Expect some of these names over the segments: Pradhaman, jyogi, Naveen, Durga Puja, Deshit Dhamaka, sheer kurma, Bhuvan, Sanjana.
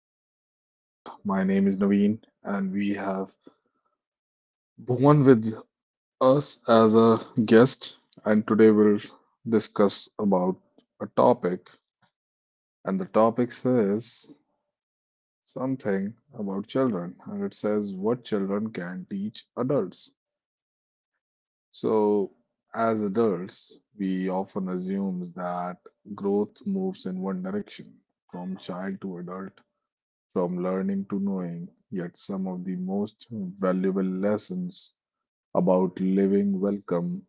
another podcast. My name is Naveen, and we have Bhuvan with us as a guest. And today we'll discuss about a topic, and the topic says something about children, and it says what children can teach adults. So, as adults, we often assume that growth moves in one direction, from child to adult. From learning to knowing, yet some of the most valuable lessons about living welcome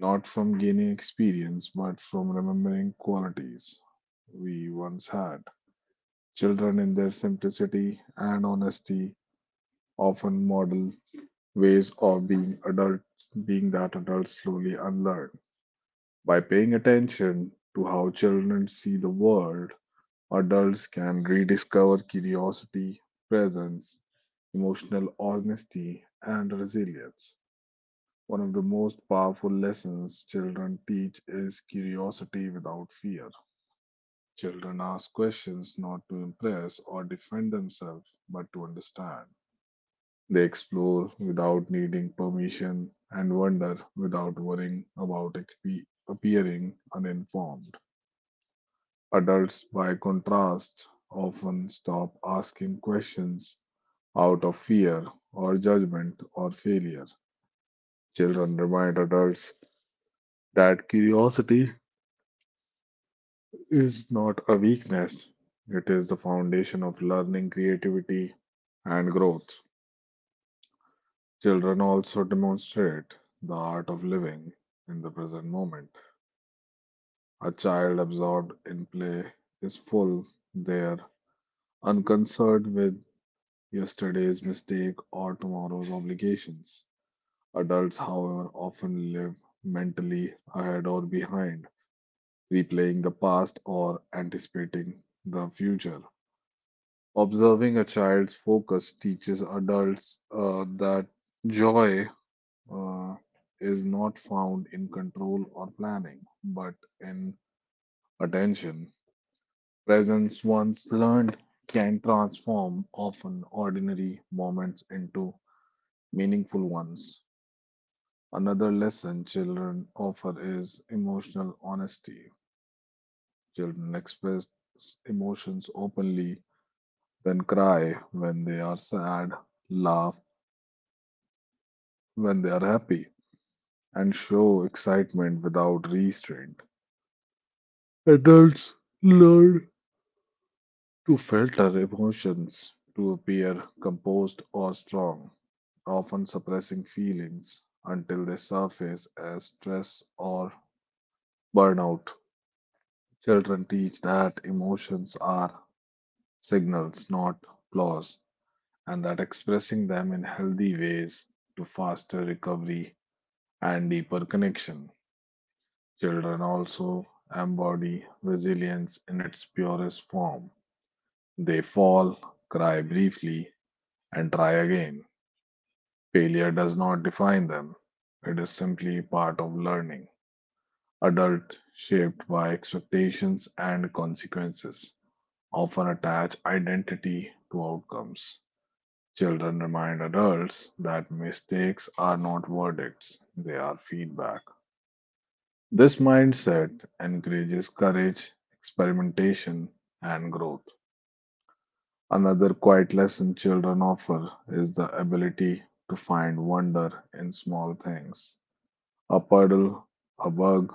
not from gaining experience but from remembering qualities we once had. Children, in their simplicity and honesty, often model ways of being adults, being that adults slowly unlearn. By paying attention to how children see the world, adults can rediscover curiosity, presence, emotional honesty, and resilience. One of the most powerful lessons children teach is curiosity without fear. Children ask questions not to impress or defend themselves, but to understand. They explore without needing permission and wonder without worrying about appearing uninformed. Adults, by contrast, often stop asking questions out of fear or judgment or failure. Children remind adults that curiosity is not a weakness, it is the foundation of learning, creativity, and growth. Children also demonstrate the art of living in the present moment. A child absorbed in play is full, they are unconcerned with yesterday's mistake or tomorrow's obligations. Adults, however, often live mentally ahead or behind, replaying the past or anticipating the future. Observing a child's focus teaches adults that joy uh, is not found in control or planning, but in attention. Presence once learned can transform often ordinary moments into meaningful ones. Another lesson children offer is emotional honesty. Children express emotions openly, then cry when they are sad, laugh when they are happy, and show excitement without restraint. Adults learn to filter emotions to appear composed or strong, often suppressing feelings until they surface as stress or burnout. Children teach that emotions are signals, not flaws, and that expressing them in healthy ways to faster recovery and deeper connection. Children also embody resilience in its purest form. They fall, cry briefly, and try again. Failure does not define them, it is simply part of learning. Adults, shaped by expectations and consequences, often attach identity to outcomes. Children remind adults that mistakes are not verdicts, they are feedback. This mindset encourages courage, experimentation, and growth. Another quiet lesson children offer is the ability to find wonder in small things. A puddle, a bug,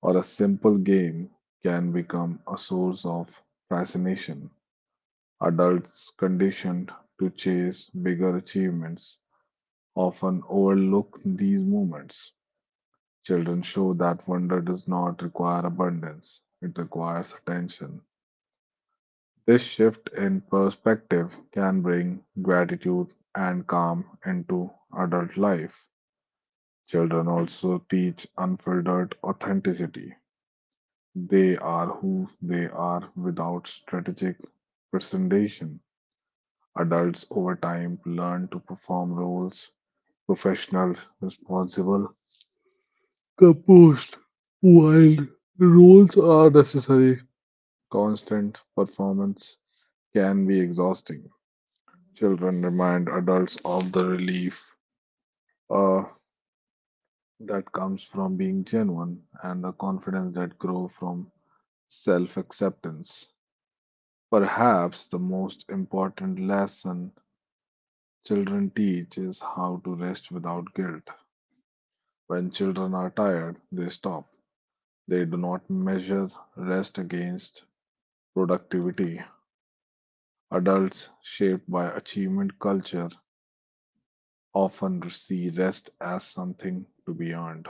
or a simple game can become a source of fascination. Adults conditioned to chase bigger achievements often overlook these moments. Children show that wonder does not require abundance, it requires attention. This shift in perspective can bring gratitude and calm into adult life. Children also teach unfiltered authenticity. They are who they are without strategic presentation. Adults over time learn to perform roles, professional, responsible, composed, while roles are necessary, constant performance can be exhausting. Children remind adults of the relief uh, that comes from being genuine and the confidence that grows from self acceptance. Perhaps the most important lesson children teach is how to rest without guilt. When children are tired, they stop. They do not measure rest against productivity. Adults shaped by achievement culture often see rest as something to be earned.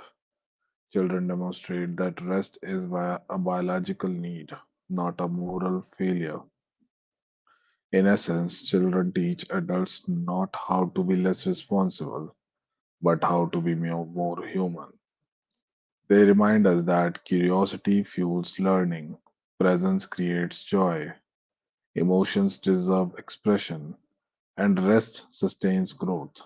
Children demonstrate that rest is a biological need, not a moral failure. In essence, children teach adults not how to be less responsible, but how to be more human. They remind us that curiosity fuels learning, presence creates joy, emotions deserve expression, and rest sustains growth.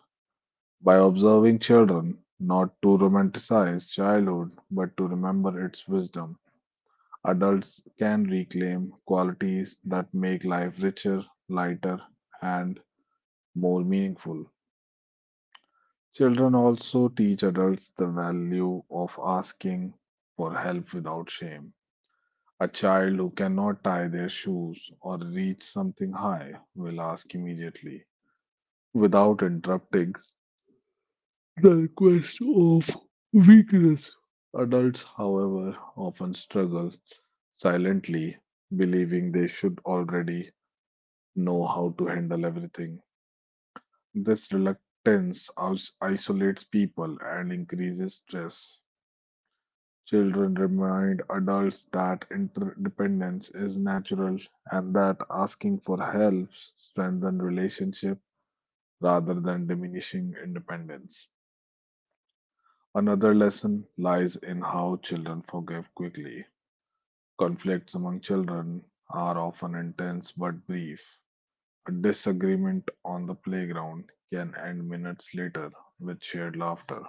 By observing children, not to romanticize childhood, but to remember its wisdom. Adults can reclaim qualities that make life richer, lighter, and more meaningful. Children also teach adults the value of asking for help without shame. A child who cannot tie their shoes or reach something high will ask immediately without interrupting. Adults, however, often struggle silently, believing they should already know how to handle everything. This reluctance isolates people and increases stress. Children remind adults that interdependence is natural and that asking for help strengthens relationship rather than diminishing independence. Another lesson lies in how children forgive quickly. Conflicts among children are often intense but brief. A disagreement on the playground can end minutes later with shared laughter.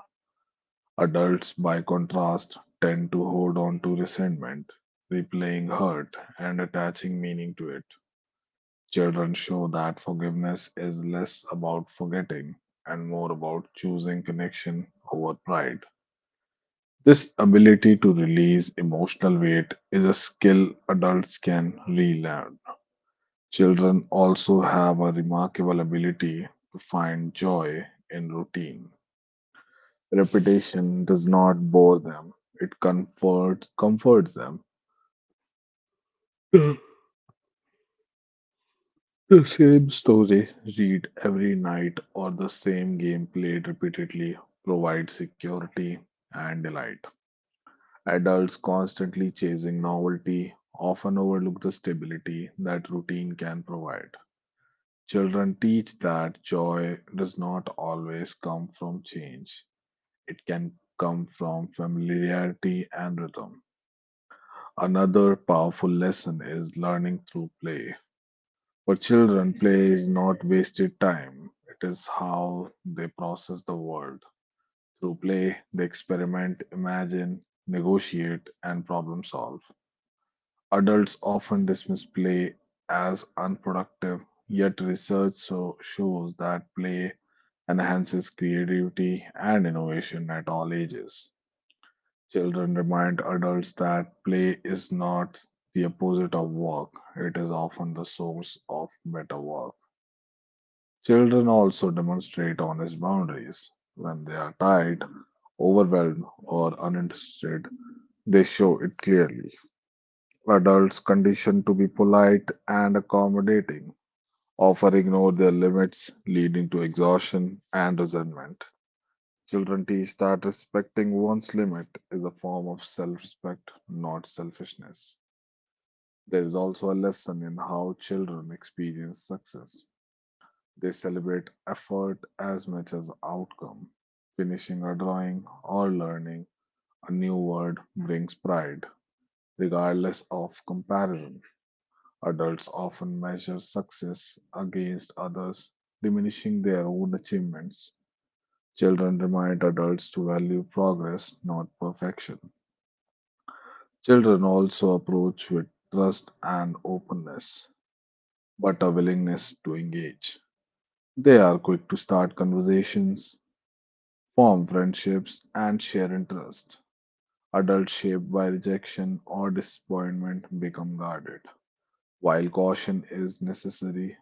Adults, by contrast, tend to hold on to resentment, replaying hurt and attaching meaning to it. Children show that forgiveness is less about forgetting and more about choosing connection over pride. This ability to release emotional weight is a skill adults can relearn. Children also have a remarkable ability to find joy in routine. Repetition does not bore them, it comforts them. The the same story read every night or the same game played repeatedly provides security and delight. Adults constantly chasing novelty often overlook the stability that routine can provide. Children teach that joy does not always come from change. It can come from familiarity and rhythm. Another powerful lesson is learning through play. For children, play is not wasted time, it is how they process the world. Through play, they experiment, imagine, negotiate, and problem solve. Adults often dismiss play as unproductive, yet, research shows that play enhances creativity and innovation at all ages. Children remind adults that play is not the opposite of work, it is often the source of better work. Children also demonstrate honest boundaries. When they are tired, overwhelmed, or uninterested, they show it clearly. Adults conditioned to be polite and accommodating often ignore their limits, leading to exhaustion and resentment. Children teach that respecting one's limit is a form of self respect, not selfishness. There is also a lesson in how children experience success. They celebrate effort as much as outcome. Finishing a drawing or learning a new word brings pride, regardless of comparison. Adults often measure success against others, diminishing their own achievements. Children remind adults to value progress, not perfection. Children also approach with trust and openness, but a willingness to engage. They are quick to start conversations, form friendships, and share interests. Adults shaped by rejection or disappointment become guarded. While caution is necessary,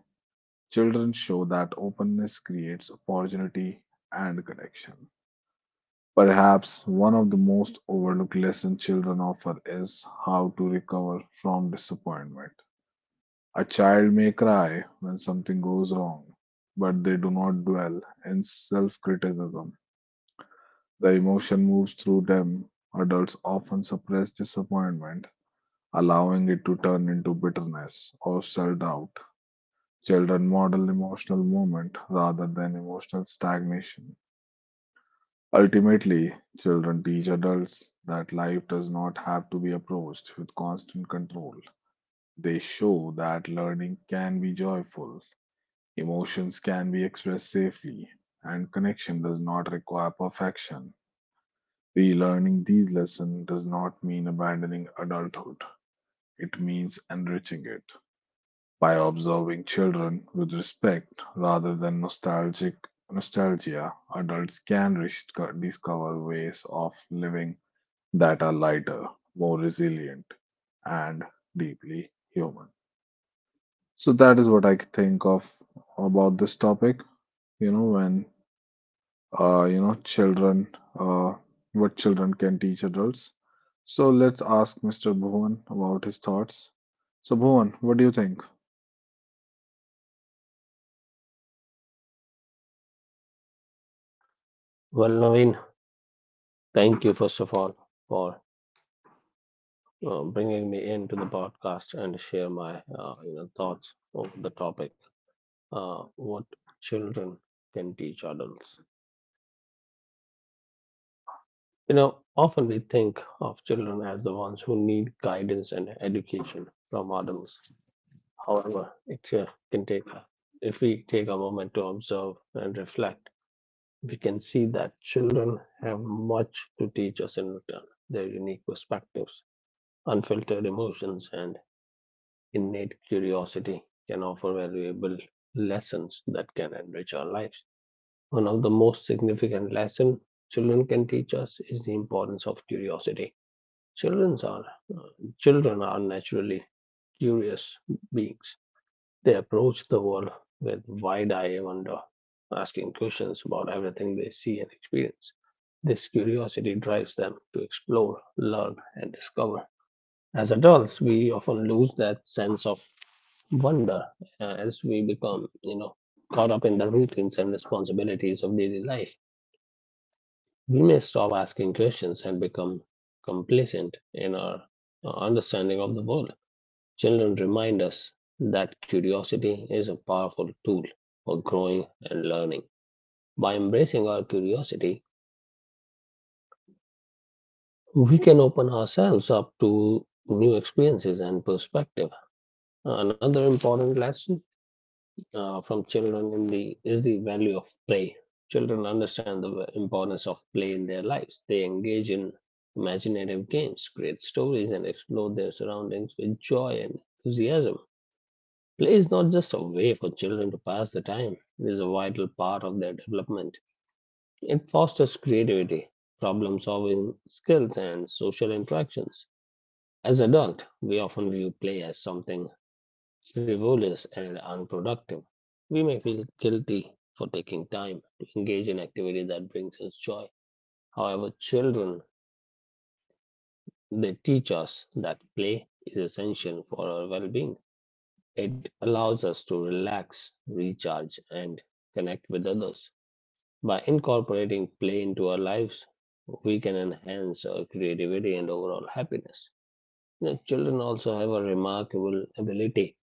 children show that openness creates opportunity and connection. Perhaps one of the most overlooked lessons children offer is how to recover from disappointment. A child may cry when something goes wrong, but they do not dwell in self criticism. The emotion moves through them. Adults often suppress disappointment, allowing it to turn into bitterness or self doubt. Children model emotional movement rather than emotional stagnation. Ultimately, children teach adults that life does not have to be approached with constant control. They show that learning can be joyful. Emotions can be expressed safely, and connection does not require perfection. Relearning these lessons does not mean abandoning adulthood, it means enriching it. By observing children with respect rather than nostalgic nostalgia, adults can discover ways of living that are lighter, more resilient, and deeply human. So that is what I think of about this topic. You know, when children, uh, what children can teach adults. So let's ask Mr. Bhuvan about his thoughts. So, Bhuvan, what do you think? Well, Naveen, thank you first of all for bringing me into the podcast and share my thoughts of the topic. What children can teach adults. You know, often we think of children as the ones who need guidance and education from adults. However, it can take if we take a moment to observe and reflect, we can see that children have much to teach us in return. Their unique perspectives, unfiltered emotions, and innate curiosity can offer valuable lessons that can enrich our lives. One of the most significant lessons children can teach us is the importance of curiosity. Children are children are naturally curious beings. They approach the world with wide-eyed wonder, asking questions about everything they see and experience. This curiosity drives them to explore, learn, and discover. As adults, we often lose that sense of wonder as we become, you know, caught up in the routines and responsibilities of daily life. We may stop asking questions and become complacent in our understanding of the world. Children remind us that curiosity is a powerful tool for growing and learning. By embracing our curiosity, we can open ourselves up to new experiences and perspective. Another important lesson from children in the is the value of play. Children understand the importance of play in their lives. They engage in imaginative games, create stories, and explore their surroundings with joy and enthusiasm. Play is not just a way for children to pass the time, it is a vital part of their development. It fosters creativity, problem solving skills, and social interactions. As adults, we often view play as something frivolous and unproductive. We may feel guilty for taking time to engage in activity that brings us joy. However, children, they teach us that play is essential for our well-being. It allows us to relax, recharge, and connect with others. By incorporating play into our lives, we can enhance our creativity and overall happiness. You know, children also have a remarkable ability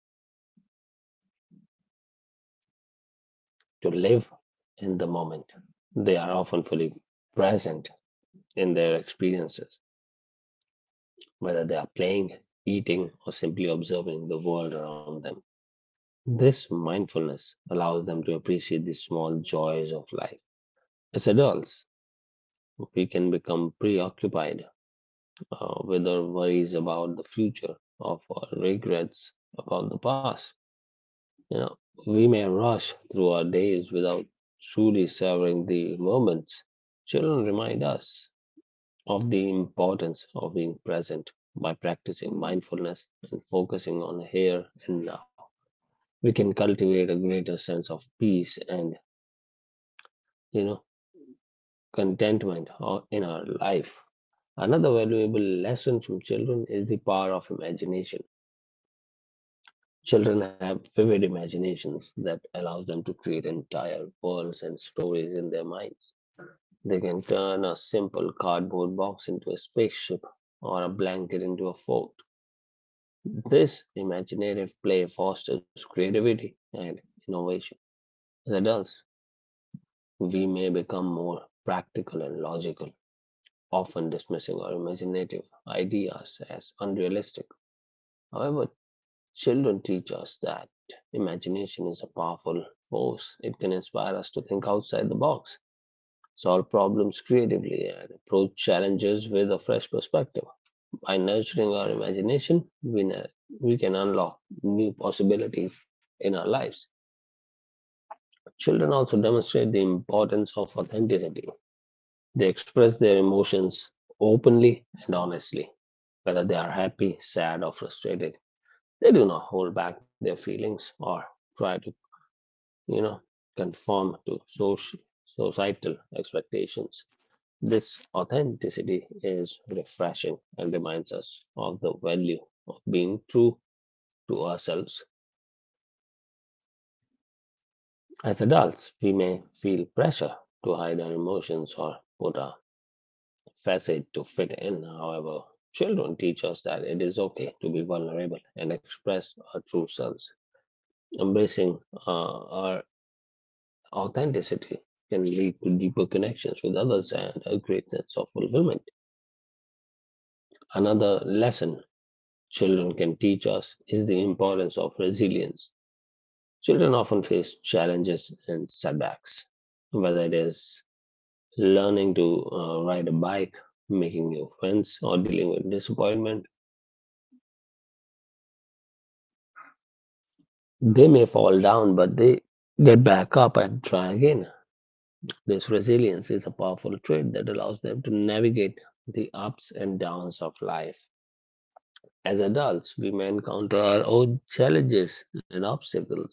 to live in the moment. They are often fully present in their experiences, whether they are playing, eating, or simply observing the world around them. This mindfulness allows them to appreciate the small joys of life. As adults, we can become preoccupied with our worries about the future, or our regrets about the past. You know, we may rush through our days without truly savoring the moments. Children remind us of the importance of being present by practicing mindfulness and focusing on here and now. We can cultivate a greater sense of peace and, you know, contentment in our life. Another valuable lesson from children is the power of imagination. Children have vivid imaginations that allows them to create entire worlds and stories in their minds. They can turn a simple cardboard box into a spaceship or a blanket into a fort. This imaginative play fosters creativity and innovation. As adults, we may become more practical and logical, often dismissing our imaginative ideas as unrealistic. However, children teach us that imagination is a powerful force. It can inspire us to think outside the box, solve problems creatively, and approach challenges with a fresh perspective. By nurturing our imagination, we can unlock new possibilities in our lives. Children also demonstrate the importance of authenticity. They express their emotions openly and honestly, whether they are happy, sad, or frustrated. They do not hold back their feelings or try to, you know, conform to societal expectations. This authenticity is refreshing and reminds us of the value of being true to ourselves. As adults, we may feel pressure to hide our emotions or put our facet to fit in, however. Children teach us that it is okay to be vulnerable and express our true selves. Embracing our authenticity can lead to deeper connections with others and a great sense of fulfillment. Another lesson children can teach us is the importance of resilience. Children often face challenges and setbacks, whether it is learning to ride a bike, making new friends, or dealing with disappointment. They may fall down, but they get back up and try again. This resilience is a powerful trait that allows them to navigate the ups and downs of life. As adults, we may encounter our own challenges and obstacles.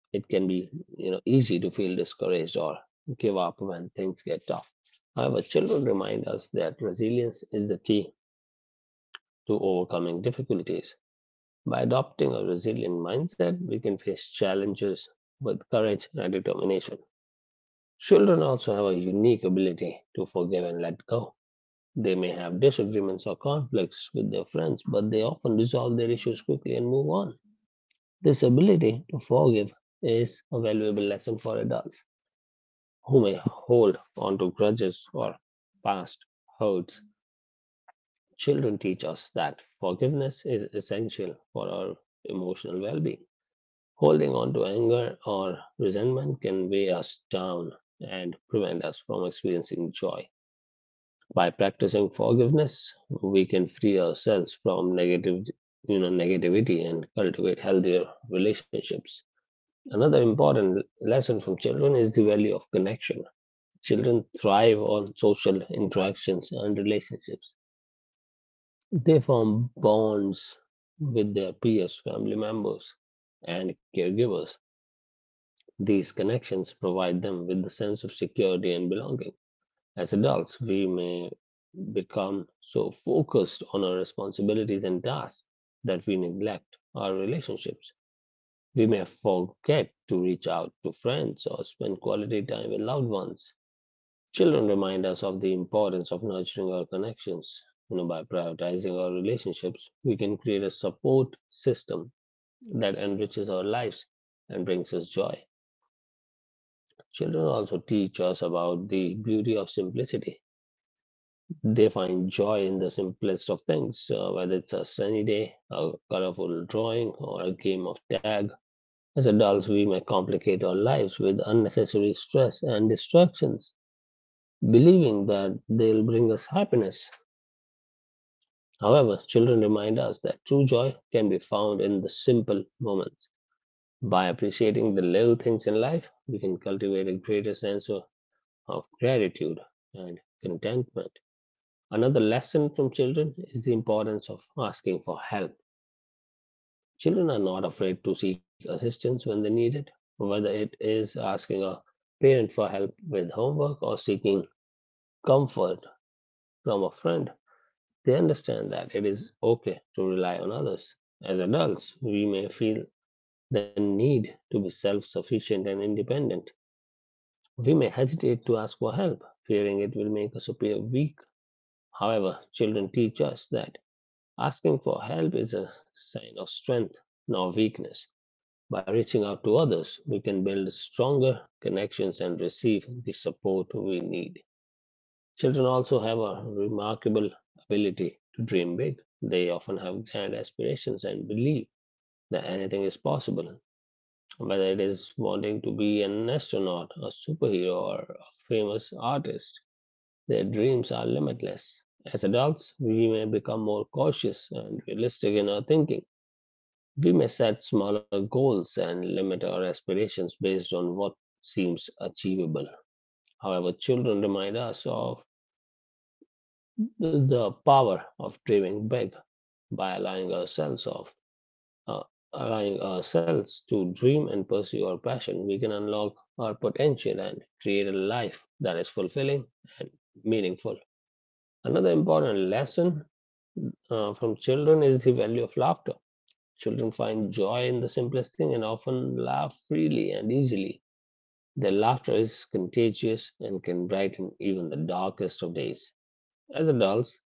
It can be, you know, easy to feel discouraged or give up when things get tough. However, children remind us that resilience is the key to overcoming difficulties. By adopting a resilient mindset, we can face challenges with courage and determination. Children also have a unique ability to forgive and let go. They may have disagreements or conflicts with their friends, but they often resolve their issues quickly and move on. This ability to forgive is a valuable lesson for adults who may hold on to grudges or past hurts. Children teach us that forgiveness is essential for our emotional well being. Holding on to anger or resentment can weigh us down and prevent us from experiencing joy. By practicing forgiveness, we can free ourselves from negative, you know, negativity and cultivate healthier relationships. Another important lesson from children is the value of connection. Children thrive on social interactions and relationships. They form bonds with their peers, family members, and caregivers. These connections provide them with the sense of security and belonging. As adults, we may become so focused on our responsibilities and tasks that we neglect our relationships. We may forget to reach out to friends or spend quality time with loved ones. Children remind us of the importance of nurturing our connections. You know, by prioritizing our relationships, we can create a support system that enriches our lives and brings us joy. Children also teach us about the beauty of simplicity. They find joy in the simplest of things, whether it's a sunny day, a colorful drawing, or a game of tag. As adults, we may complicate our lives with unnecessary stress and distractions, believing that they'll bring us happiness. However, children remind us that true joy can be found in the simple moments. By appreciating the little things in life, we can cultivate a greater sense of gratitude and contentment. Another lesson from children is the importance of asking for help. Children are not afraid to seek assistance when they need it, whether it is asking a parent for help with homework or seeking comfort from a friend. They understand that it is okay to rely on others. As adults, we may feel the need to be self sufficient and independent. We may hesitate to ask for help, fearing it will make us appear weak. However, children teach us that asking for help is a sign of strength, not weakness. By reaching out to others, we can build stronger connections and receive the support we need. Children also have a remarkable ability to dream big. They often have grand aspirations and believe that anything is possible, whether it is wanting to be an astronaut, a superhero, or a famous artist. Their dreams are limitless. As adults, we may become more cautious and realistic in our thinking. We may set smaller goals and limit our aspirations based on what seems achievable. However, children remind us of the power of dreaming big. By allowing ourselves of uh, allowing ourselves to dream and pursue our passion. We can unlock our potential and create a life that is fulfilling and meaningful. Another important lesson from children is the value of laughter. Children find joy in the simplest thing and often laugh freely and easily. Their laughter is contagious and can brighten even the darkest of days. As adults,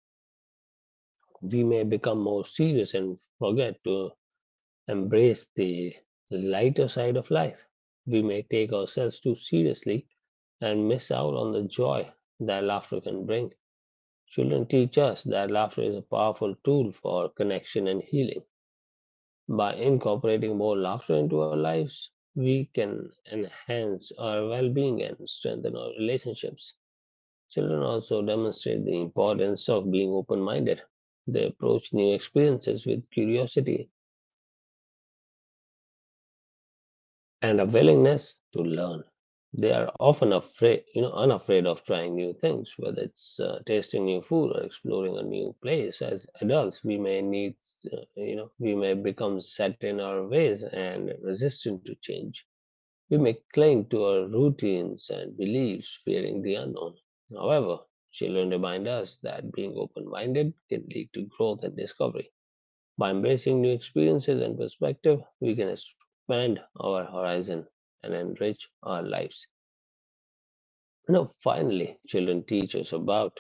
we may become more serious and forget to embrace the lighter side of life. We may take ourselves too seriously and miss out on the joy that laughter can bring. Children teach us that laughter is a powerful tool for connection and healing. By incorporating more laughter into our lives, we can enhance our well being and strengthen our relationships. Children also demonstrate the importance of being open minded. They approach new experiences with curiosity and a willingness to learn. They are often afraid, you know, unafraid of trying new things, whether it's tasting new food or exploring a new place. As adults, we may need, you know, we may become set in our ways and resistant to change. We may cling to our routines and beliefs, fearing the unknown. However, children remind us that being open minded can lead to growth and discovery. By embracing new experiences and perspective, we can expand our horizon and enrich our lives. Now, finally, children teach us about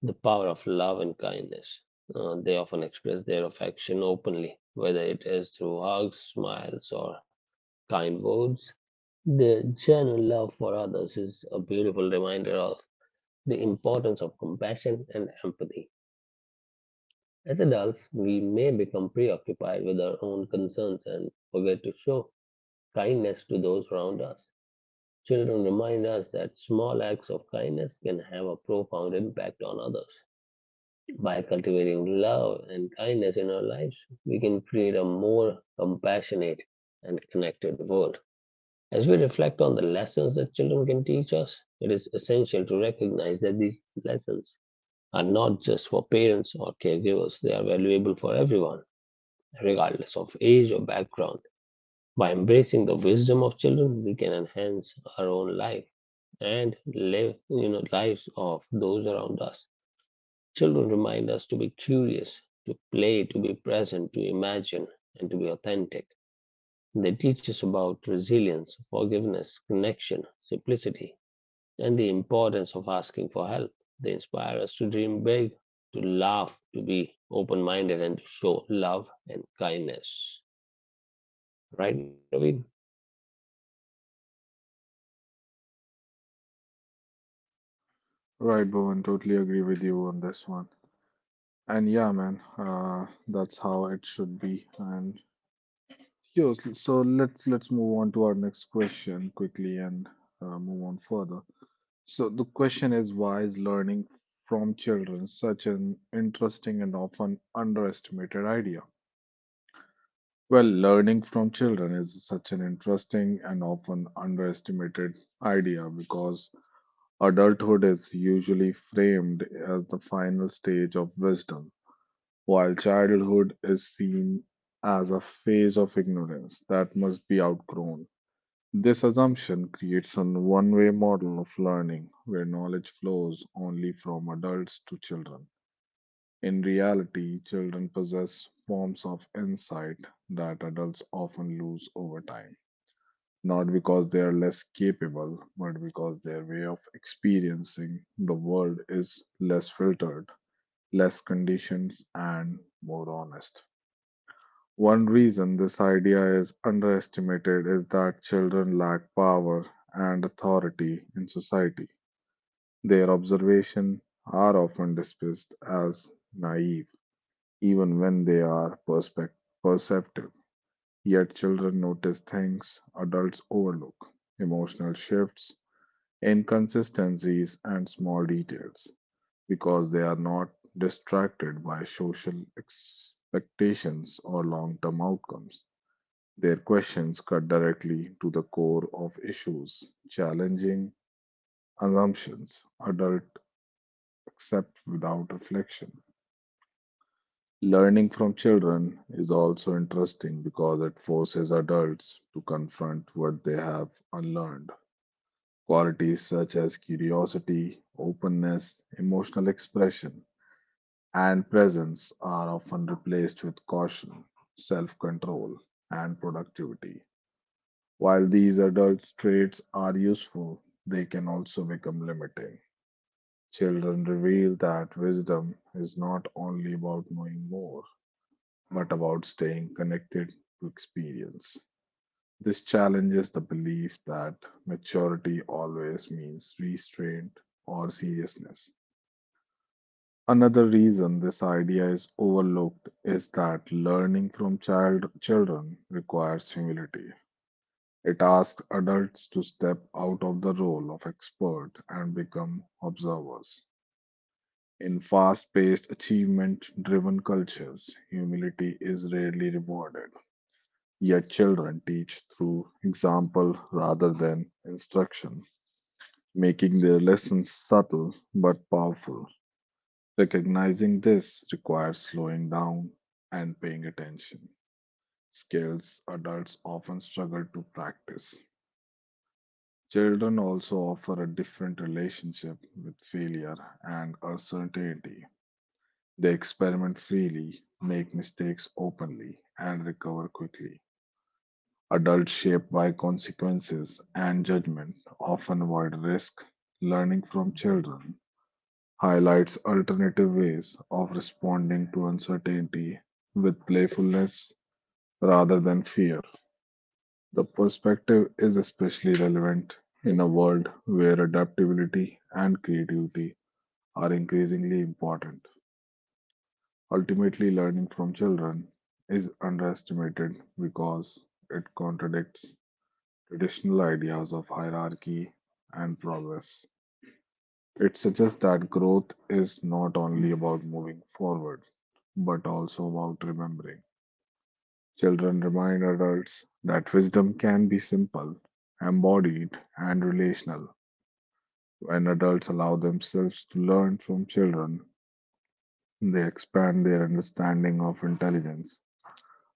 the power of love and kindness. They often express their affection openly, whether it is through hugs, smiles, or kind words. Their genuine love for others is a beautiful reminder of the importance of compassion and empathy. As adults, we may become preoccupied with our own concerns and forget to show kindness to those around us. Children remind us that small acts of kindness can have a profound impact on others. By cultivating love and kindness in our lives, we can create a more compassionate and connected world. As we reflect on the lessons that children can teach us, it is essential to recognize that these lessons are not just for parents or caregivers, they are valuable for everyone, regardless of age or background. By embracing the wisdom of children, we can enhance our own life and live lives of those around us. Children remind us to be curious, to play, to be present, to imagine, and to be authentic. They teach us about resilience, forgiveness, connection, simplicity, and the importance of asking for help. They inspire us to dream big, to laugh, to be open minded, and to show love and kindness. Right, Naveen? Right, Bhuvan, totally agree with you on this one. And yeah, man, that's how it should be. And yo, so let's move on to our next question quickly and move on further. So the question is, why is learning from children such an interesting and often underestimated idea? Well, learning from children is such an interesting and often underestimated idea because adulthood is usually framed as the final stage of wisdom, while childhood is seen as a phase of ignorance that must be outgrown. This assumption creates a one way model of learning where knowledge flows only from adults to children. In reality, children possess forms of insight that adults often lose over time, not because they are less capable, but because their way of experiencing the world is less filtered, less conditioned, and more honest. One reason this idea is underestimated is that children lack power and authority in society. Their observations are often dismissed as naive even when they are perceptive. Yet children notice things adults overlook, emotional shifts, inconsistencies, and small details because they are not distracted by social expectations or long term outcomes. Their questions cut directly to the core of issues, challenging assumptions adults accept without reflection. Learning from children is also interesting because it forces adults to confront what they have unlearned. Qualities such as curiosity, openness, emotional expression, and presence are often replaced with caution, self control, and productivity. While these adult traits are useful, they can also become limiting. Children reveal that wisdom is not only about knowing more but about staying connected to experience. This challenges the belief that maturity always means restraint or seriousness. Another reason this idea is overlooked is that learning from children requires humility. It asks adults to step out of the role of expert and become observers. In fast paced, achievement driven cultures, humility is rarely rewarded. Yet children teach through example rather than instruction, making their lessons subtle but powerful. Recognizing this requires slowing down and paying attention, skills adults often struggle to practice. Children also offer a different relationship with failure and uncertainty. They experiment freely, make mistakes openly, and recover quickly. Adults shaped by consequences and judgment often avoid risk. Learning from children highlights alternative ways of responding to uncertainty with playfulness rather than fear. The perspective is especially relevant in a world where adaptability and creativity are increasingly important. Ultimately, learning from children is underestimated because it contradicts traditional ideas of hierarchy and progress. It suggests that growth is not only about moving forward, but also about remembering. Children remind adults that wisdom can be simple, embodied, and relational. When adults allow themselves to learn from children, they expand their understanding of intelligence,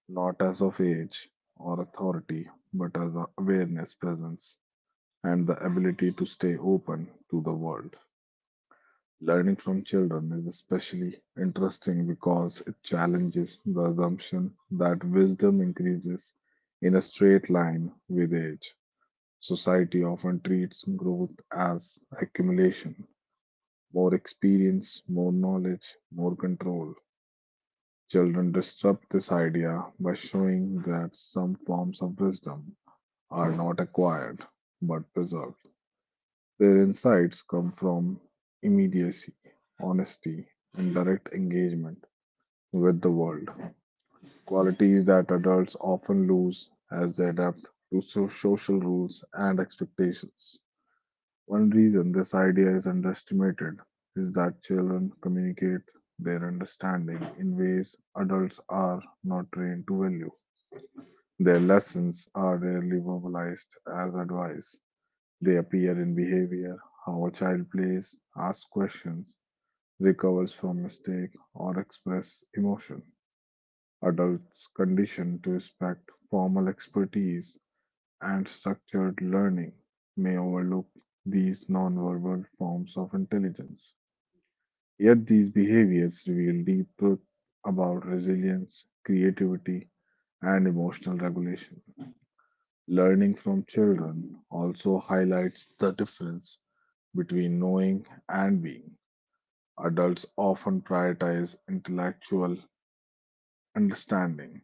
not as of age or authority, but as a awareness presence, and the ability to stay open to the world. Learning from children is especially interesting because it challenges the assumption that wisdom increases in a straight line with age. Society often treats growth as accumulation, more experience, more knowledge, more control. Children disrupt this idea by showing that some forms of wisdom are not acquired but preserved. Their insights come from immediacy, honesty, and direct engagement with the world, qualities that adults often lose as they adapt to social rules and expectations. One reason this idea is underestimated is that children communicate their understanding in ways adults are not trained to value. Their lessons are rarely verbalized as advice, they appear in behavior, how a child plays, asks questions, recovers from mistake, or express emotion. Adults conditioned to respect formal expertise and structured learning may overlook these nonverbal forms of intelligence. Yet these behaviors reveal deep truth about resilience, creativity, and emotional regulation. Learning from children also highlights the difference between knowing and being. Adults often prioritize intellectual understanding,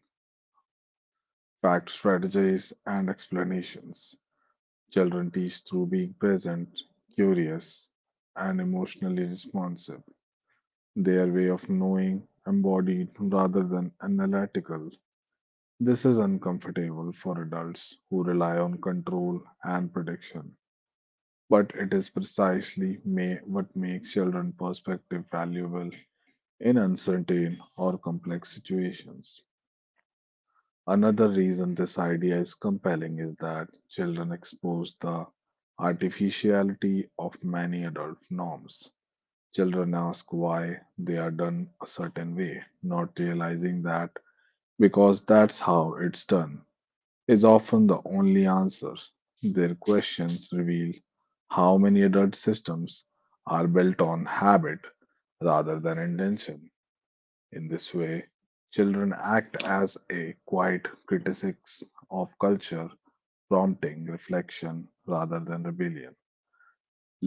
fact strategies, and explanations. Children teach through being present, curious, and emotionally responsive. Their way of knowing embodied rather than analytical. This is uncomfortable for adults who rely on control and prediction. But it is precisely what makes children perspective valuable in uncertain or complex situations. Another reason this idea is compelling is that children expose the artificiality of many adult norms. Children ask why they are done a certain way, not realizing that because that's how it's done is often the only answer. Their questions reveal how many adult systems are built on habit rather than intention. In this way, children act as a quiet critics of culture, prompting reflection rather than rebellion.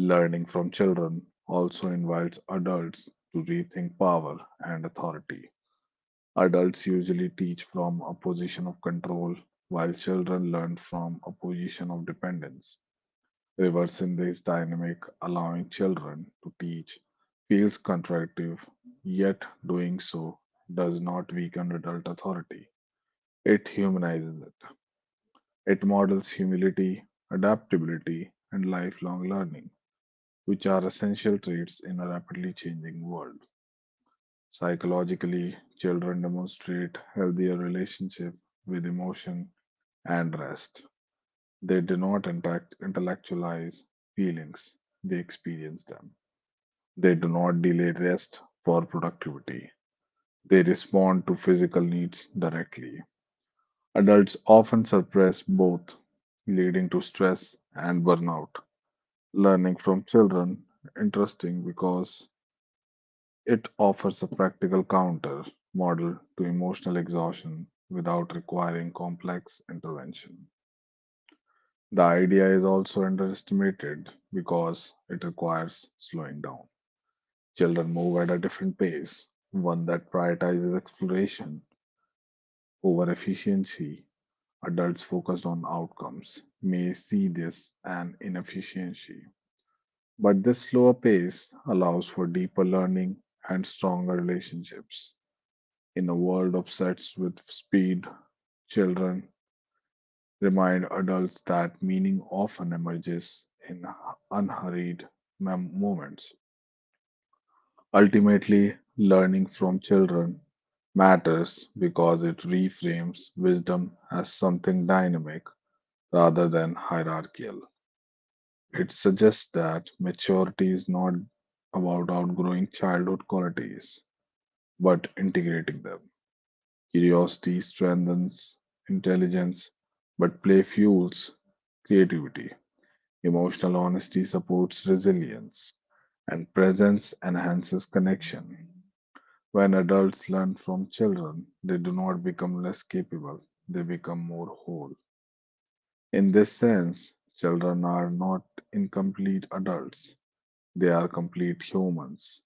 Learning from children also invites adults to rethink power and authority. Adults usually teach from a position of control, while children learn from a position of dependence. Reversing this dynamic, allowing children to teach, feels contradictive, yet doing so does not weaken adult authority. It humanizes it. It models humility, adaptability, and lifelong learning, which are essential traits in a rapidly changing world. Psychologically, children demonstrate healthier relationship with emotion and rest. They do not intellectualize feelings, they experience them. They do not delay rest for productivity. They respond to physical needs directly. Adults often suppress both, leading to stress and burnout. Learning from children interesting because it offers a practical counter model to emotional exhaustion without requiring complex intervention. The idea is also underestimated because it requires slowing down. Children move at a different pace, one that prioritizes exploration over efficiency. Adults focused on outcomes may see this an inefficiency. But this slower pace allows for deeper learning and stronger relationships. In a world obsessed with speed, children remind adults that meaning often emerges in unhurried moments. Ultimately, learning from children matters because it reframes wisdom as something dynamic rather than hierarchical. It suggests that maturity is not about outgrowing childhood qualities, but integrating them. Curiosity strengthens intelligence, but play fuels creativity. Emotional honesty supports resilience, and presence enhances connection. When adults learn from children, they do not become less capable, they become more whole. In this sense, children are not incomplete adults, they are complete humans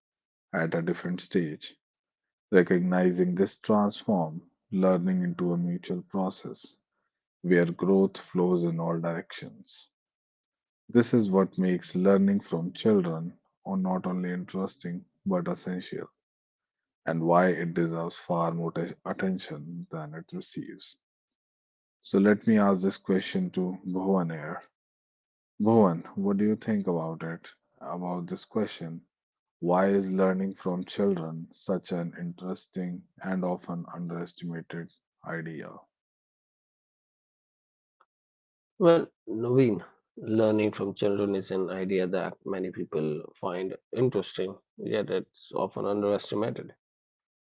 at a different stage. Recognizing this transform learning into a mutual process where growth flows in all directions. This is what makes learning from children or not only interesting but essential, and why it deserves far more attention than it receives. So let me ask this question to Bhuvan here. Bhuvan, what do you think about it? About this question, why is learning from children such an interesting and often underestimated idea? Well, Naveen, learning from children is an idea that many people find interesting, yet it's often underestimated.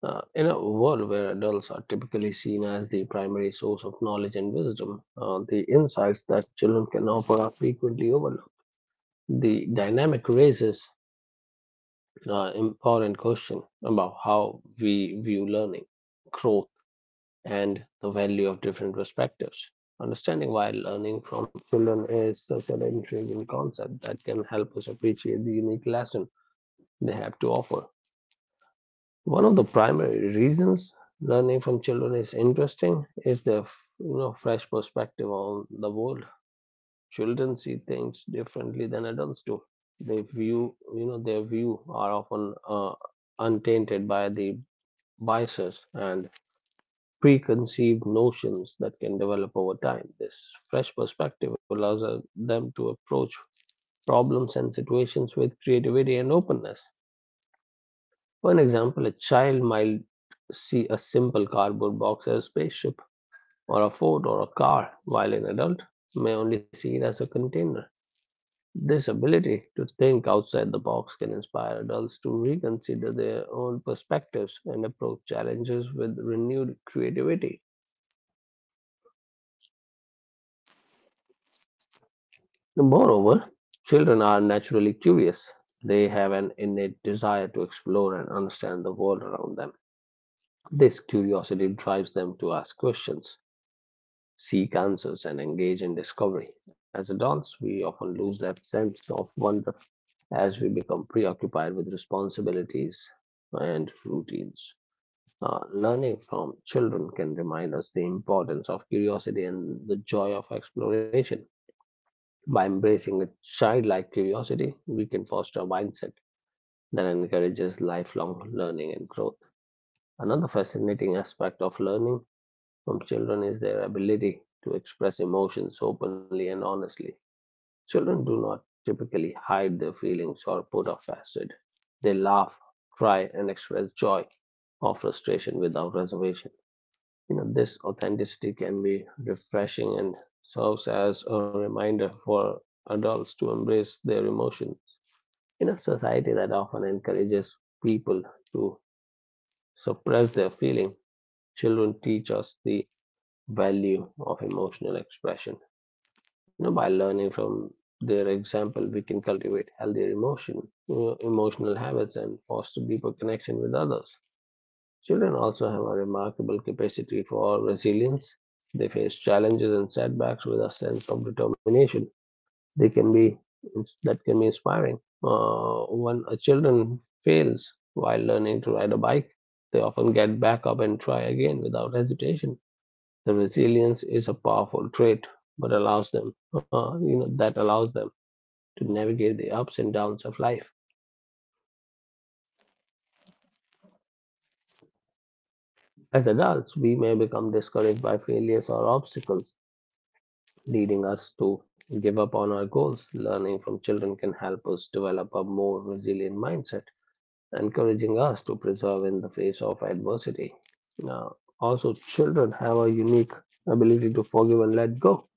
In a world where adults are typically seen as the primary source of knowledge and wisdom, the insights that children can offer are frequently overlooked. The dynamic raises important question about how we view learning, growth, and the value of different perspectives. Understanding why learning from children is such an intriguing concept that can help us appreciate the unique lesson they have to offer. One of the primary reasons learning from children is interesting is their fresh perspective on the world. Children see things differently than adults do. They view, their view are often untainted by the biases and preconceived notions that can develop over time. This fresh perspective allows them to approach problems and situations with creativity and openness. For an example, a child might see a simple cardboard box as a spaceship or a fort or a car, while an adult may only see it as a container. This ability to think outside the box can inspire adults to reconsider their own perspectives and approach challenges with renewed creativity. Moreover, children are naturally curious. They have an innate desire to explore and understand the world around them. This curiosity drives them to ask questions, seek answers, and engage in discovery. As adults, we often lose that sense of wonder as we become preoccupied with responsibilities and routines. Learning from children can remind us the importance of curiosity and the joy of exploration. By embracing a childlike curiosity, we can foster a mindset that encourages lifelong learning and growth. Another fascinating aspect of learning from children is their ability to express emotions openly and honestly. Children do not typically hide their feelings or put off acid. They laugh, cry, and express joy or frustration without reservation. You know, this authenticity can be refreshing and serves as a reminder for adults to embrace their emotions. In a society that often encourages people to suppress their feeling, children teach us the value of emotional expression. You know, by learning from their example, we can cultivate healthier emotion, emotional habits, and foster deeper connection with others. Children also have a remarkable capacity for resilience. They face challenges and setbacks with a sense of determination. They can be that can be inspiring. When a children fails while learning to ride a bike, they often get back up and try again without hesitation. The resilience is a powerful trait, but allows them, that allows them to navigate the ups and downs of life. As adults, we may become discouraged by failures or obstacles leading us to give up on our goals. Learning from children can help us develop a more resilient mindset, encouraging us to persevere in the face of adversity. Now, also, children have a unique ability to forgive and let go.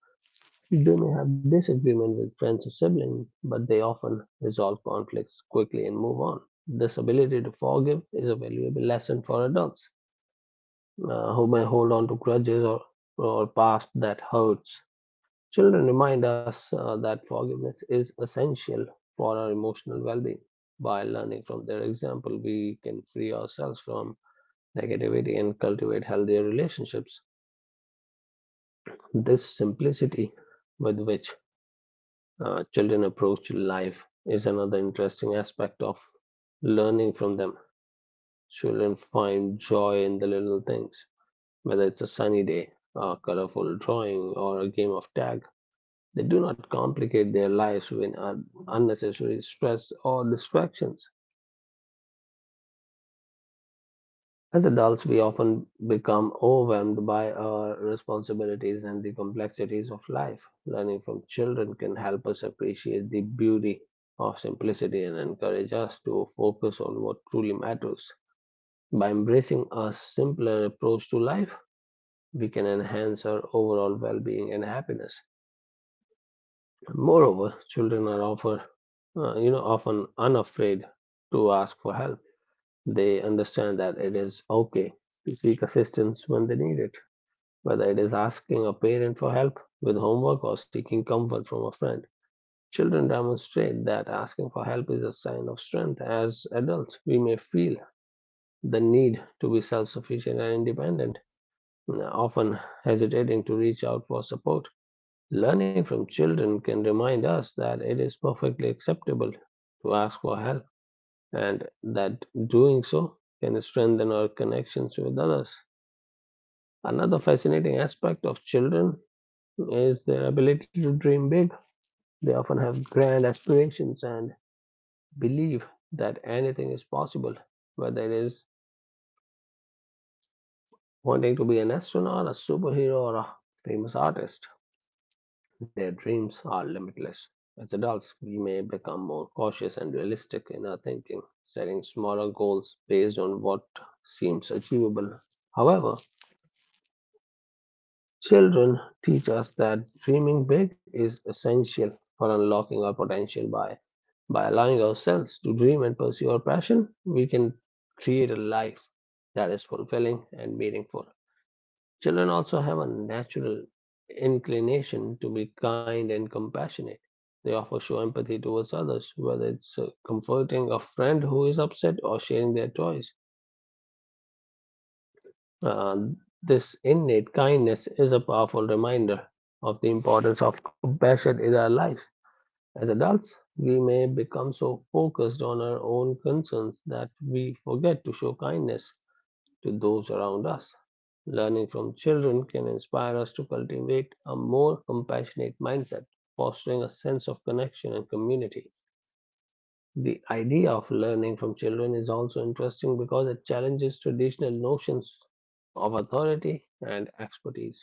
They may have disagreement with friends or siblings, but they often resolve conflicts quickly and move on. This ability to forgive is a valuable lesson for adults who may hold on to grudges or past that hurts. Children remind us that forgiveness is essential for our emotional well being. By learning from their example, we can free ourselves from negativity and cultivate healthier relationships. This simplicity with which children approach life is another interesting aspect of learning from them. Children find joy in the little things, whether it's a sunny day, a colorful drawing, or a game of tag. They do not complicate their lives with unnecessary stress or distractions. As adults, we often become overwhelmed by our responsibilities and the complexities of life. Learning from children can help us appreciate the beauty of simplicity and encourage us to focus on what truly matters. By embracing a simpler approach to life, we can enhance our overall well being and happiness. Moreover, children are often unafraid to ask for help. They understand that it is okay to seek assistance when they need it, whether it is asking a parent for help with homework or seeking comfort from a friend. Children demonstrate that asking for help is a sign of strength. As adults, we may feel the need to be self sufficient and independent, often hesitating to reach out for support. Learning from children can remind us that it is perfectly acceptable to ask for help and that doing so can strengthen our connections with others. Another fascinating aspect of children is their ability to dream big. They often have grand aspirations and believe that anything is possible, whether it is wanting to be an astronaut, a superhero, or a famous artist. Their dreams are limitless. As adults, we may become more cautious and realistic in our thinking, setting smaller goals based on what seems achievable. However, children teach us that dreaming big is essential for unlocking our potential by allowing ourselves to dream and pursue our passion, we can create a life that is fulfilling and meaningful. Children also have a natural inclination to be kind and compassionate. They often show empathy towards others, whether it's comforting a friend who is upset or sharing their toys. Uh, this innate kindness is a powerful reminder of the importance of compassion in our lives. As adults, we may become so focused on our own concerns that we forget to show kindness to those around us. Learning from children can inspire us to cultivate a more compassionate mindset, fostering a sense of connection and community. The idea of learning from children is also interesting because it challenges traditional notions of authority and expertise.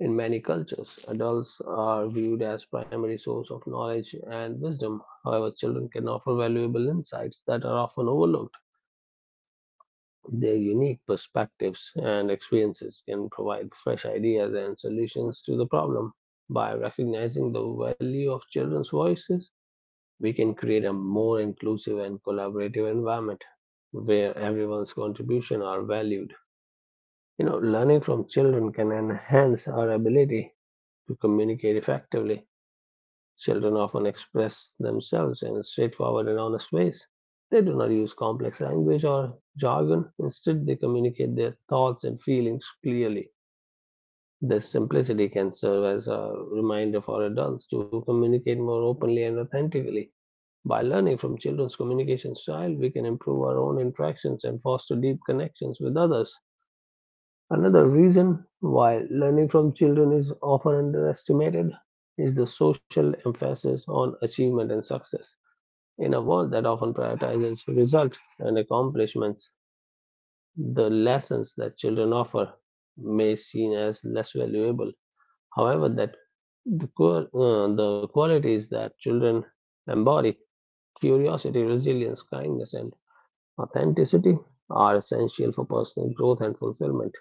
In many cultures, adults are viewed as primary source of knowledge and wisdom. However, children can offer valuable insights that are often overlooked. Their unique perspectives and experiences can provide fresh ideas and solutions to the problem. By recognizing the value of children's voices, we can create a more inclusive and collaborative environment where everyone's contribution are valued. You know, learning from children can enhance our ability to communicate effectively. Children often express themselves in a straightforward and honest ways. They do not use complex language or jargon. Instead, they communicate their thoughts and feelings clearly. This simplicity can serve as a reminder for adults to communicate more openly and authentically. By learning from children's communication style, we can improve our own interactions and foster deep connections with others. Another reason why learning from children is often underestimated is the social emphasis on achievement and success. In a world that often prioritizes results and accomplishments, the lessons that children offer may seem as less valuable. However, that the qualities that children embody curiosity, resilience, kindness, and authenticity are essential for personal growth and fulfillment.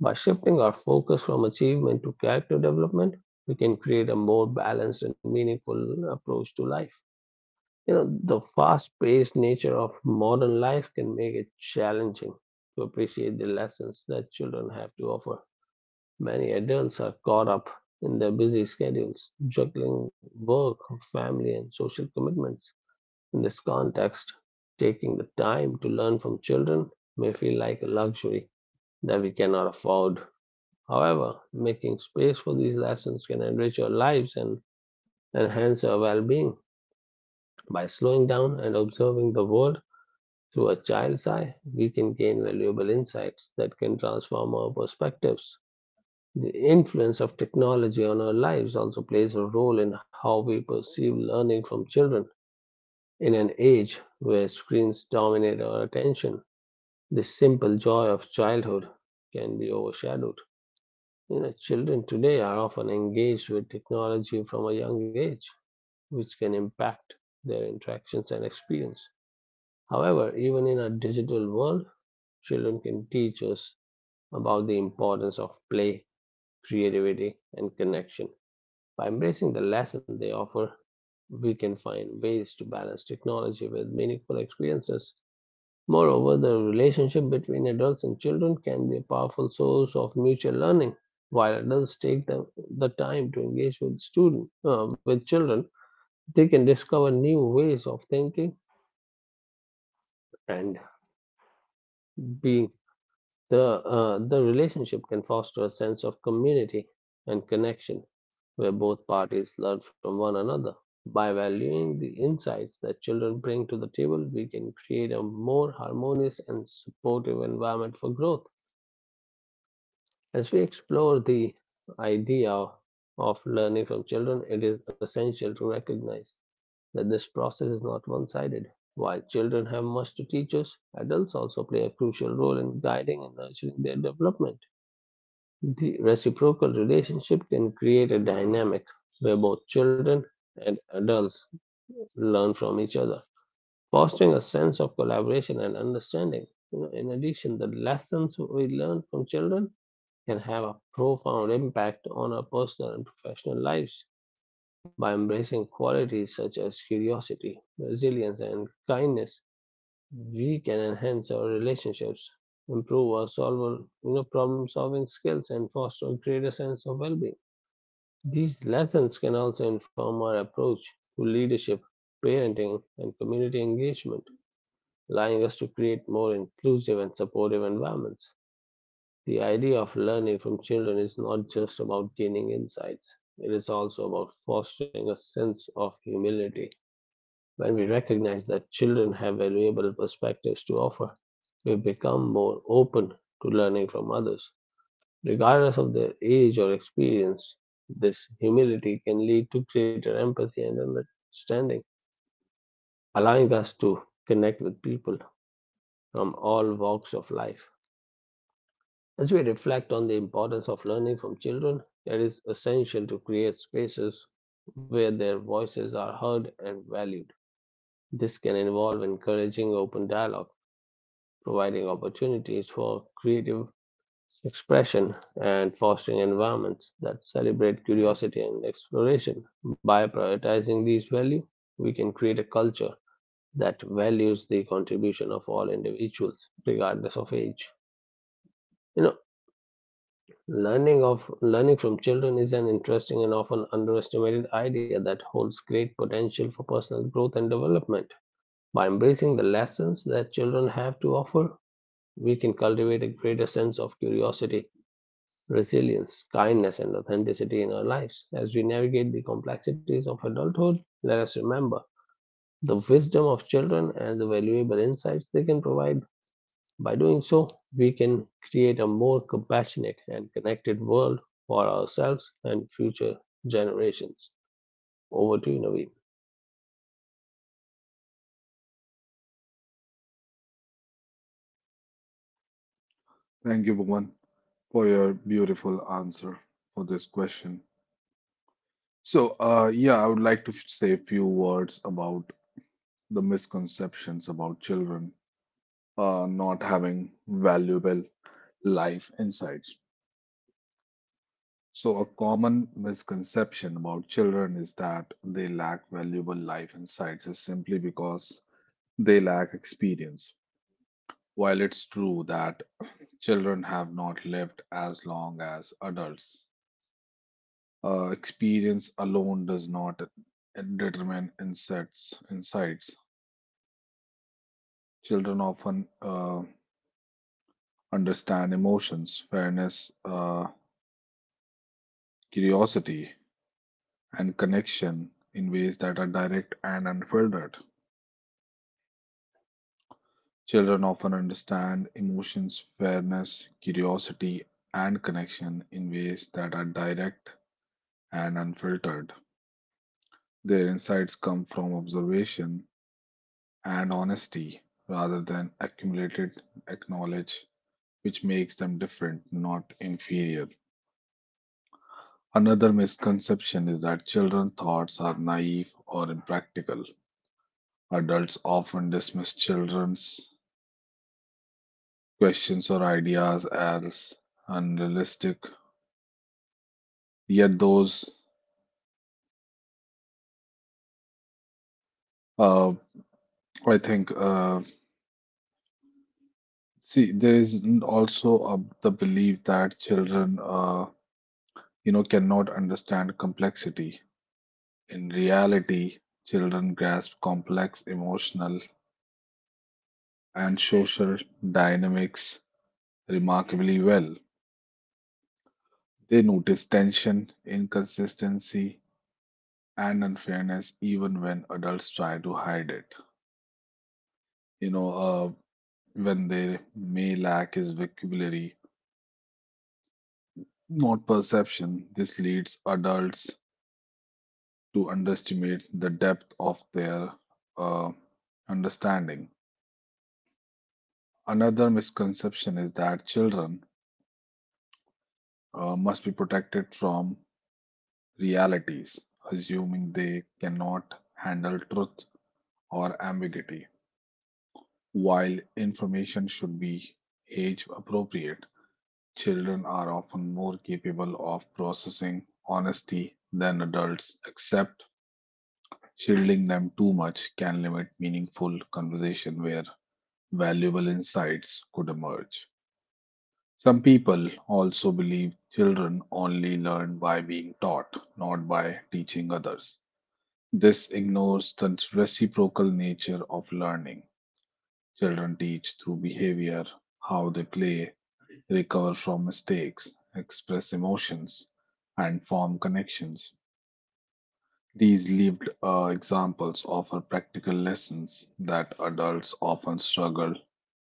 By shifting our focus from achievement to character development, we can create a more balanced and meaningful approach to life. You know, the fast paced nature of modern life can make it challenging to appreciate the lessons that children have to offer. Many adults are caught up in their busy schedules, juggling work, family, and social commitments. In this context, taking the time to learn from children may feel like a luxury that we cannot afford. However, making space for these lessons can enrich our lives and enhance our well being. By slowing down and observing the world through a child's eye, we can gain valuable insights that can transform our perspectives. The influence of technology on our lives also plays a role in how we perceive learning from children. In an age where screens dominate our attention, the simple joy of childhood can be overshadowed. You know, children today are often engaged with technology from a young age, which can impact their interactions and experience. However, even in a digital world, children can teach us about the importance of play, creativity, and connection. By embracing the lesson they offer, we can find ways to balance technology with meaningful experiences. Moreover, the relationship between adults and children can be a powerful source of mutual learning. While adults take the time to engage with student with children, they can discover new ways of thinking and being. The relationship can foster a sense of community and connection, where both parties learn from one another. By valuing the insights that children bring to the table, we can create a more harmonious and supportive environment for growth. As we explore the idea of learning from children, it is essential to recognize that this process is not one sided. While children have much to teach us, adults also play a crucial role in guiding and nurturing their development. The reciprocal relationship can create a dynamic where both children and adults learn from each other, fostering a sense of collaboration and understanding. You know, in addition, the lessons we learn from children can have a profound impact on our personal and professional lives. By embracing qualities such as curiosity, resilience, and kindness, we can enhance our relationships, improve our problem solving skills, and foster a greater sense of well being. These lessons can also inform our approach to leadership, parenting, and community engagement, allowing us to create more inclusive and supportive environments. The idea of learning from children is not just about gaining insights, it is also about fostering a sense of humility. When we recognize that children have valuable perspectives to offer, we become more open to learning from others. Regardless of their age or experience, this humility can lead to greater empathy and understanding, allowing us to connect with people from all walks of life. As we reflect on the importance of learning from children, it is essential to create spaces where their voices are heard and valued. This can involve encouraging open dialogue, providing opportunities for creative expression, and fostering environments that celebrate curiosity and exploration. By prioritizing these values, we can create a culture that values the contribution of all individuals, regardless of age. You know, learning from children is an interesting and often underestimated idea that holds great potential for personal growth and development. By embracing the lessons that children have to offer, we can cultivate a greater sense of curiosity, resilience, kindness, and authenticity in our lives. As we navigate the complexities of adulthood, let us remember the wisdom of children and the valuable insights they can provide by doing so, we can create a more compassionate and connected world for ourselves and future generations. Over to you, Naveen. Thank you, Bhuvan, for your beautiful answer for this question. So, yeah, I would like to say a few words about the misconceptions about children, not having valuable life insights. So, a common misconception about children is that they lack valuable life insights is simply because they lack experience. While it's true that children have not lived as long as adults, experience alone does not determine insights. Insights children often understand emotions, fairness, curiosity, and connection in ways that are direct and unfiltered. Children often understand emotions, fairness, curiosity, and connection in ways that are direct and unfiltered. Their insights come from observation and honesty rather than accumulated knowledge, which makes them different, not inferior. Another misconception is that children's thoughts are naive or impractical. Adults often dismiss children's questions or ideas as unrealistic, yet, those uh, I think, uh, see, there is also the belief that children, cannot understand complexity. In reality, children grasp complex emotional and social dynamics remarkably well. They notice tension, inconsistency, and unfairness even when adults try to hide it. You know, uh, when they may lack is vocabulary, not perception. This leads adults to underestimate the depth of their uh, understanding. Another misconception is that children must be protected from realities, assuming they cannot handle truth or ambiguity. While information should be age appropriate, children are often more capable of processing honesty than adults, except shielding them too much can limit meaningful conversation where valuable insights could emerge. Some people also believe children only learn by being taught, not by teaching others. This ignores the reciprocal nature of learning. Children teach through behavior, how they play, recover from mistakes, express emotions, and form connections. These lived examples offer practical lessons that adults often struggle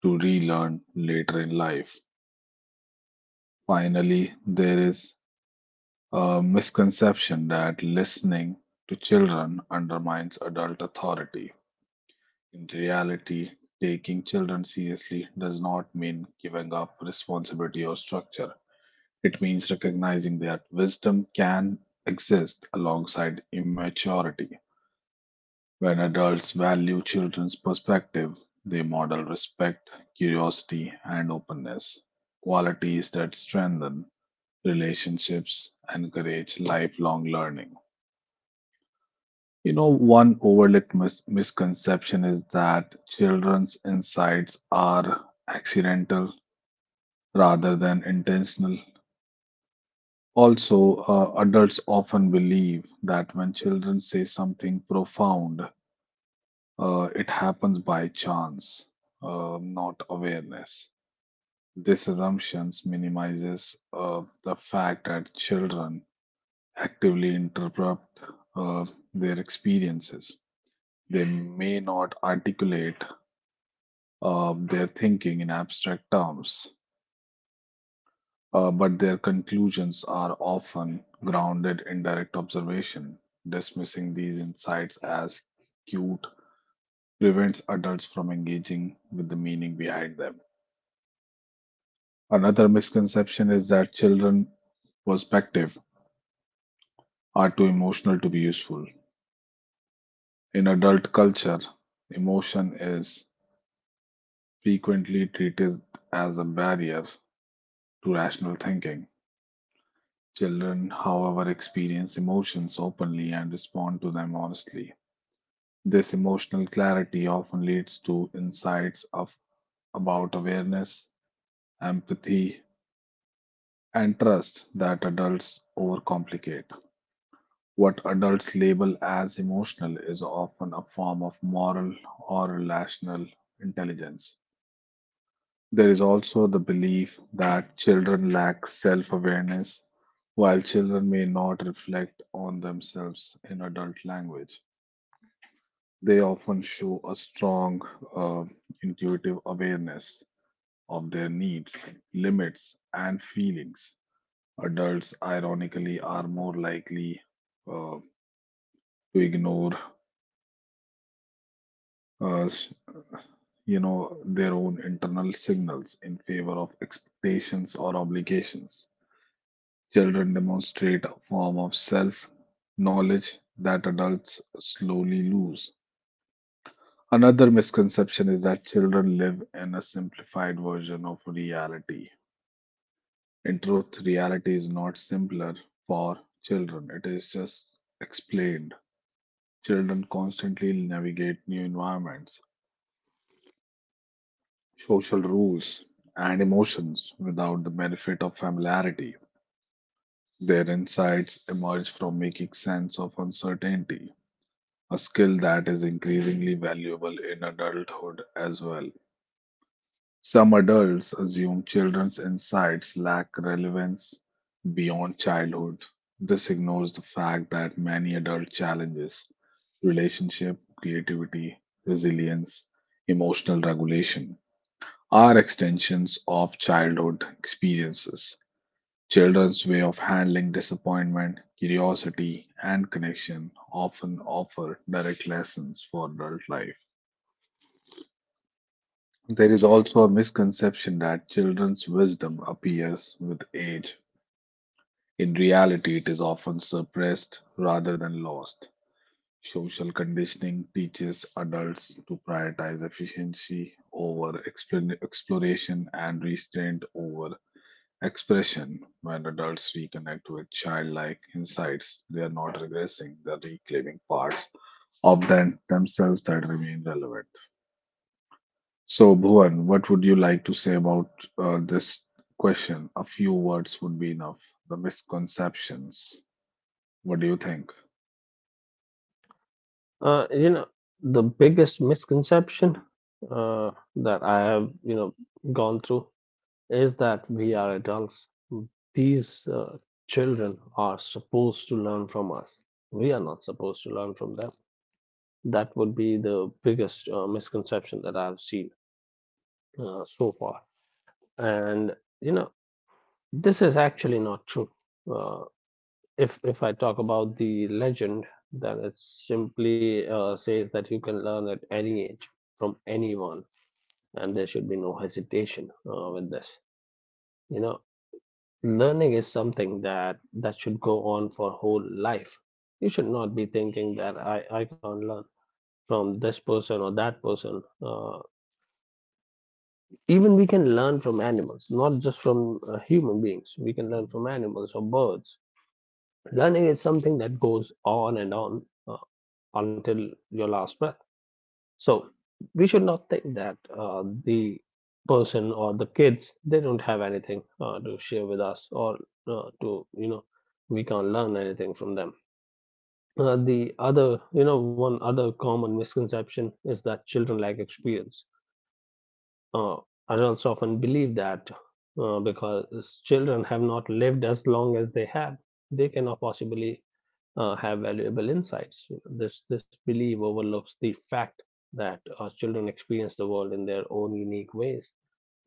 to relearn later in life. Finally, there is a misconception that listening to children undermines adult authority. In reality, taking children seriously does not mean giving up responsibility or structure. It means recognizing that wisdom can exist alongside immaturity. When adults value children's perspective, they model respect, curiosity, and openness, qualities that strengthen relationships, encourage lifelong learning. One overlooked misconception is that children's insights are accidental rather than intentional. Also, adults often believe that when children say something profound, it happens by chance, not awareness. This assumption minimizes the fact that children actively interrupt uh, their experiences. They may not articulate their thinking in abstract terms, but their conclusions are often grounded in direct observation. Dismissing these insights as cute prevents adults from engaging with the meaning behind them. Another misconception is that children's perspective are too emotional to be useful. In adult culture, emotion is frequently treated as a barrier to rational thinking. Children, however, experience emotions openly and respond to them honestly. This emotional clarity often leads to insights of about awareness, empathy, and trust that adults overcomplicate. What adults label as emotional is often a form of moral or relational intelligence. There is also the belief that children lack self awareness, while children may not reflect on themselves in adult language. They often show a strong uh, intuitive awareness of their needs, limits, and feelings. Adults, ironically, are more likely uh, to ignore, uh, s- you know, their own internal signals in favor of expectations or obligations. Children demonstrate a form of self knowledge that adults slowly lose. Another misconception is that children live in a simplified version of reality. In truth, reality is not simpler for children, it is just explained. Children constantly navigate new environments, social rules, and emotions without the benefit of familiarity. Their insights emerge from making sense of uncertainty, a skill that is increasingly valuable in adulthood as well. Some adults assume children's insights lack relevance beyond childhood. This ignores the fact that many adult challenges, relationship, creativity, resilience, emotional regulation are extensions of childhood experiences. Children's way of handling disappointment, curiosity, and connection often offer direct lessons for adult life. There is also a misconception that children's wisdom appears with age. In reality, it is often suppressed rather than lost. Social conditioning teaches adults to prioritize efficiency over exploration and restraint over expression. When adults reconnect with childlike insights, they are not regressing, they are reclaiming parts of themselves that remain relevant. So, Bhuvan, what would you like to say about this question? A few words would be enough. The misconceptions. What do you think? You know, the biggest misconception uh, that I have, you know, gone through is that we are adults. These children are supposed to learn from us. We are not supposed to learn from them. That would be the biggest misconception that I've seen so far. And you know, this is actually not true. Uh, if I talk about the legend, then it simply says that you can learn at any age from anyone, and there should be no hesitation with this. You know, learning is something that should go on for whole life. You should not be thinking that I can't learn from this person or that person. Even we can learn from animals, not just from human beings. We can learn from animals or birds. Learning is something that goes on and on until your last breath. So we should not think that the person or the kids they don't have anything to share with us or to you know we can't learn anything from them. The other, you know, one other common misconception is that children lack experience. uh, Adults often believe that because children have not lived as long as they have, they cannot possibly have valuable insights. You know, this belief overlooks the fact that our children experience the world in their own unique ways.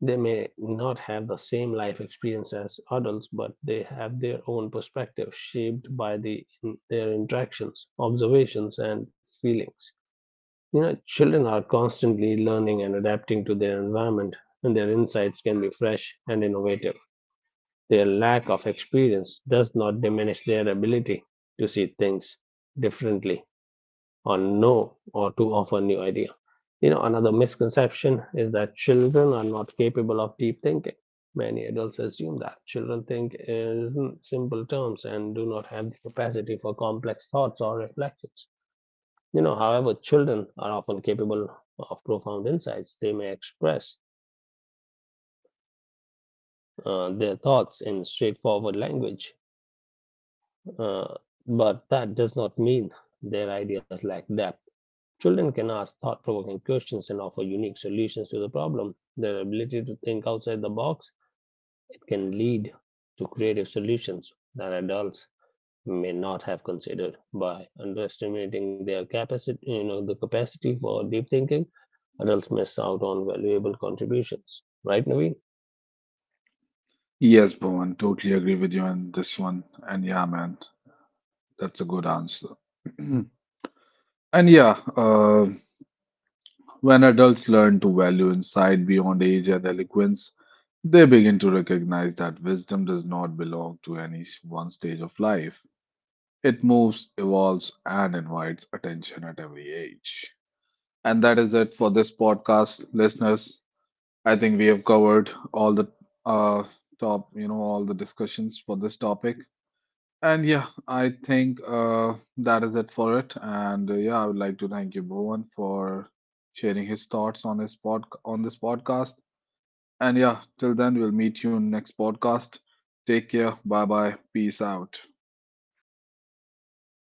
They may not have the same life experience as adults, but they have their own perspective shaped by their interactions, observations, and feelings. You know, children are constantly learning and adapting to their environment, and their insights can be fresh and innovative. Their lack of experience does not diminish their ability to see things differently or know or to offer new idea. You know, another misconception is that children are not capable of deep thinking. Many adults assume that children think in simple terms and do not have the capacity for complex thoughts or reflections. You know, however, children are often capable of profound insights. They may express their thoughts in straightforward language, uh, but that does not mean their ideas lack depth. Children can ask thought provoking questions and offer unique solutions to the problem. Their ability to think outside the box it can lead to creative solutions that adults may not have considered by underestimating their capacity, you know, the capacity for deep thinking, adults miss out on valuable contributions. Right, Naveen? Yes, Bhuvan, totally agree with you on this one. And yeah, man, that's a good answer. And yeah, when adults learn to value insight beyond age and eloquence, they begin to recognize that wisdom does not belong to any one stage of life. It moves, evolves, and invites attention at every age. And that is it for this podcast, listeners. I think we have covered all the uh, all the discussions for this topic. And yeah, I think that is it for it. And yeah, I would like to thank you, Bhuvan, for sharing his thoughts on his pod on this podcast. And yeah, till then, we'll meet you in next podcast. Take care. Bye bye. Peace out.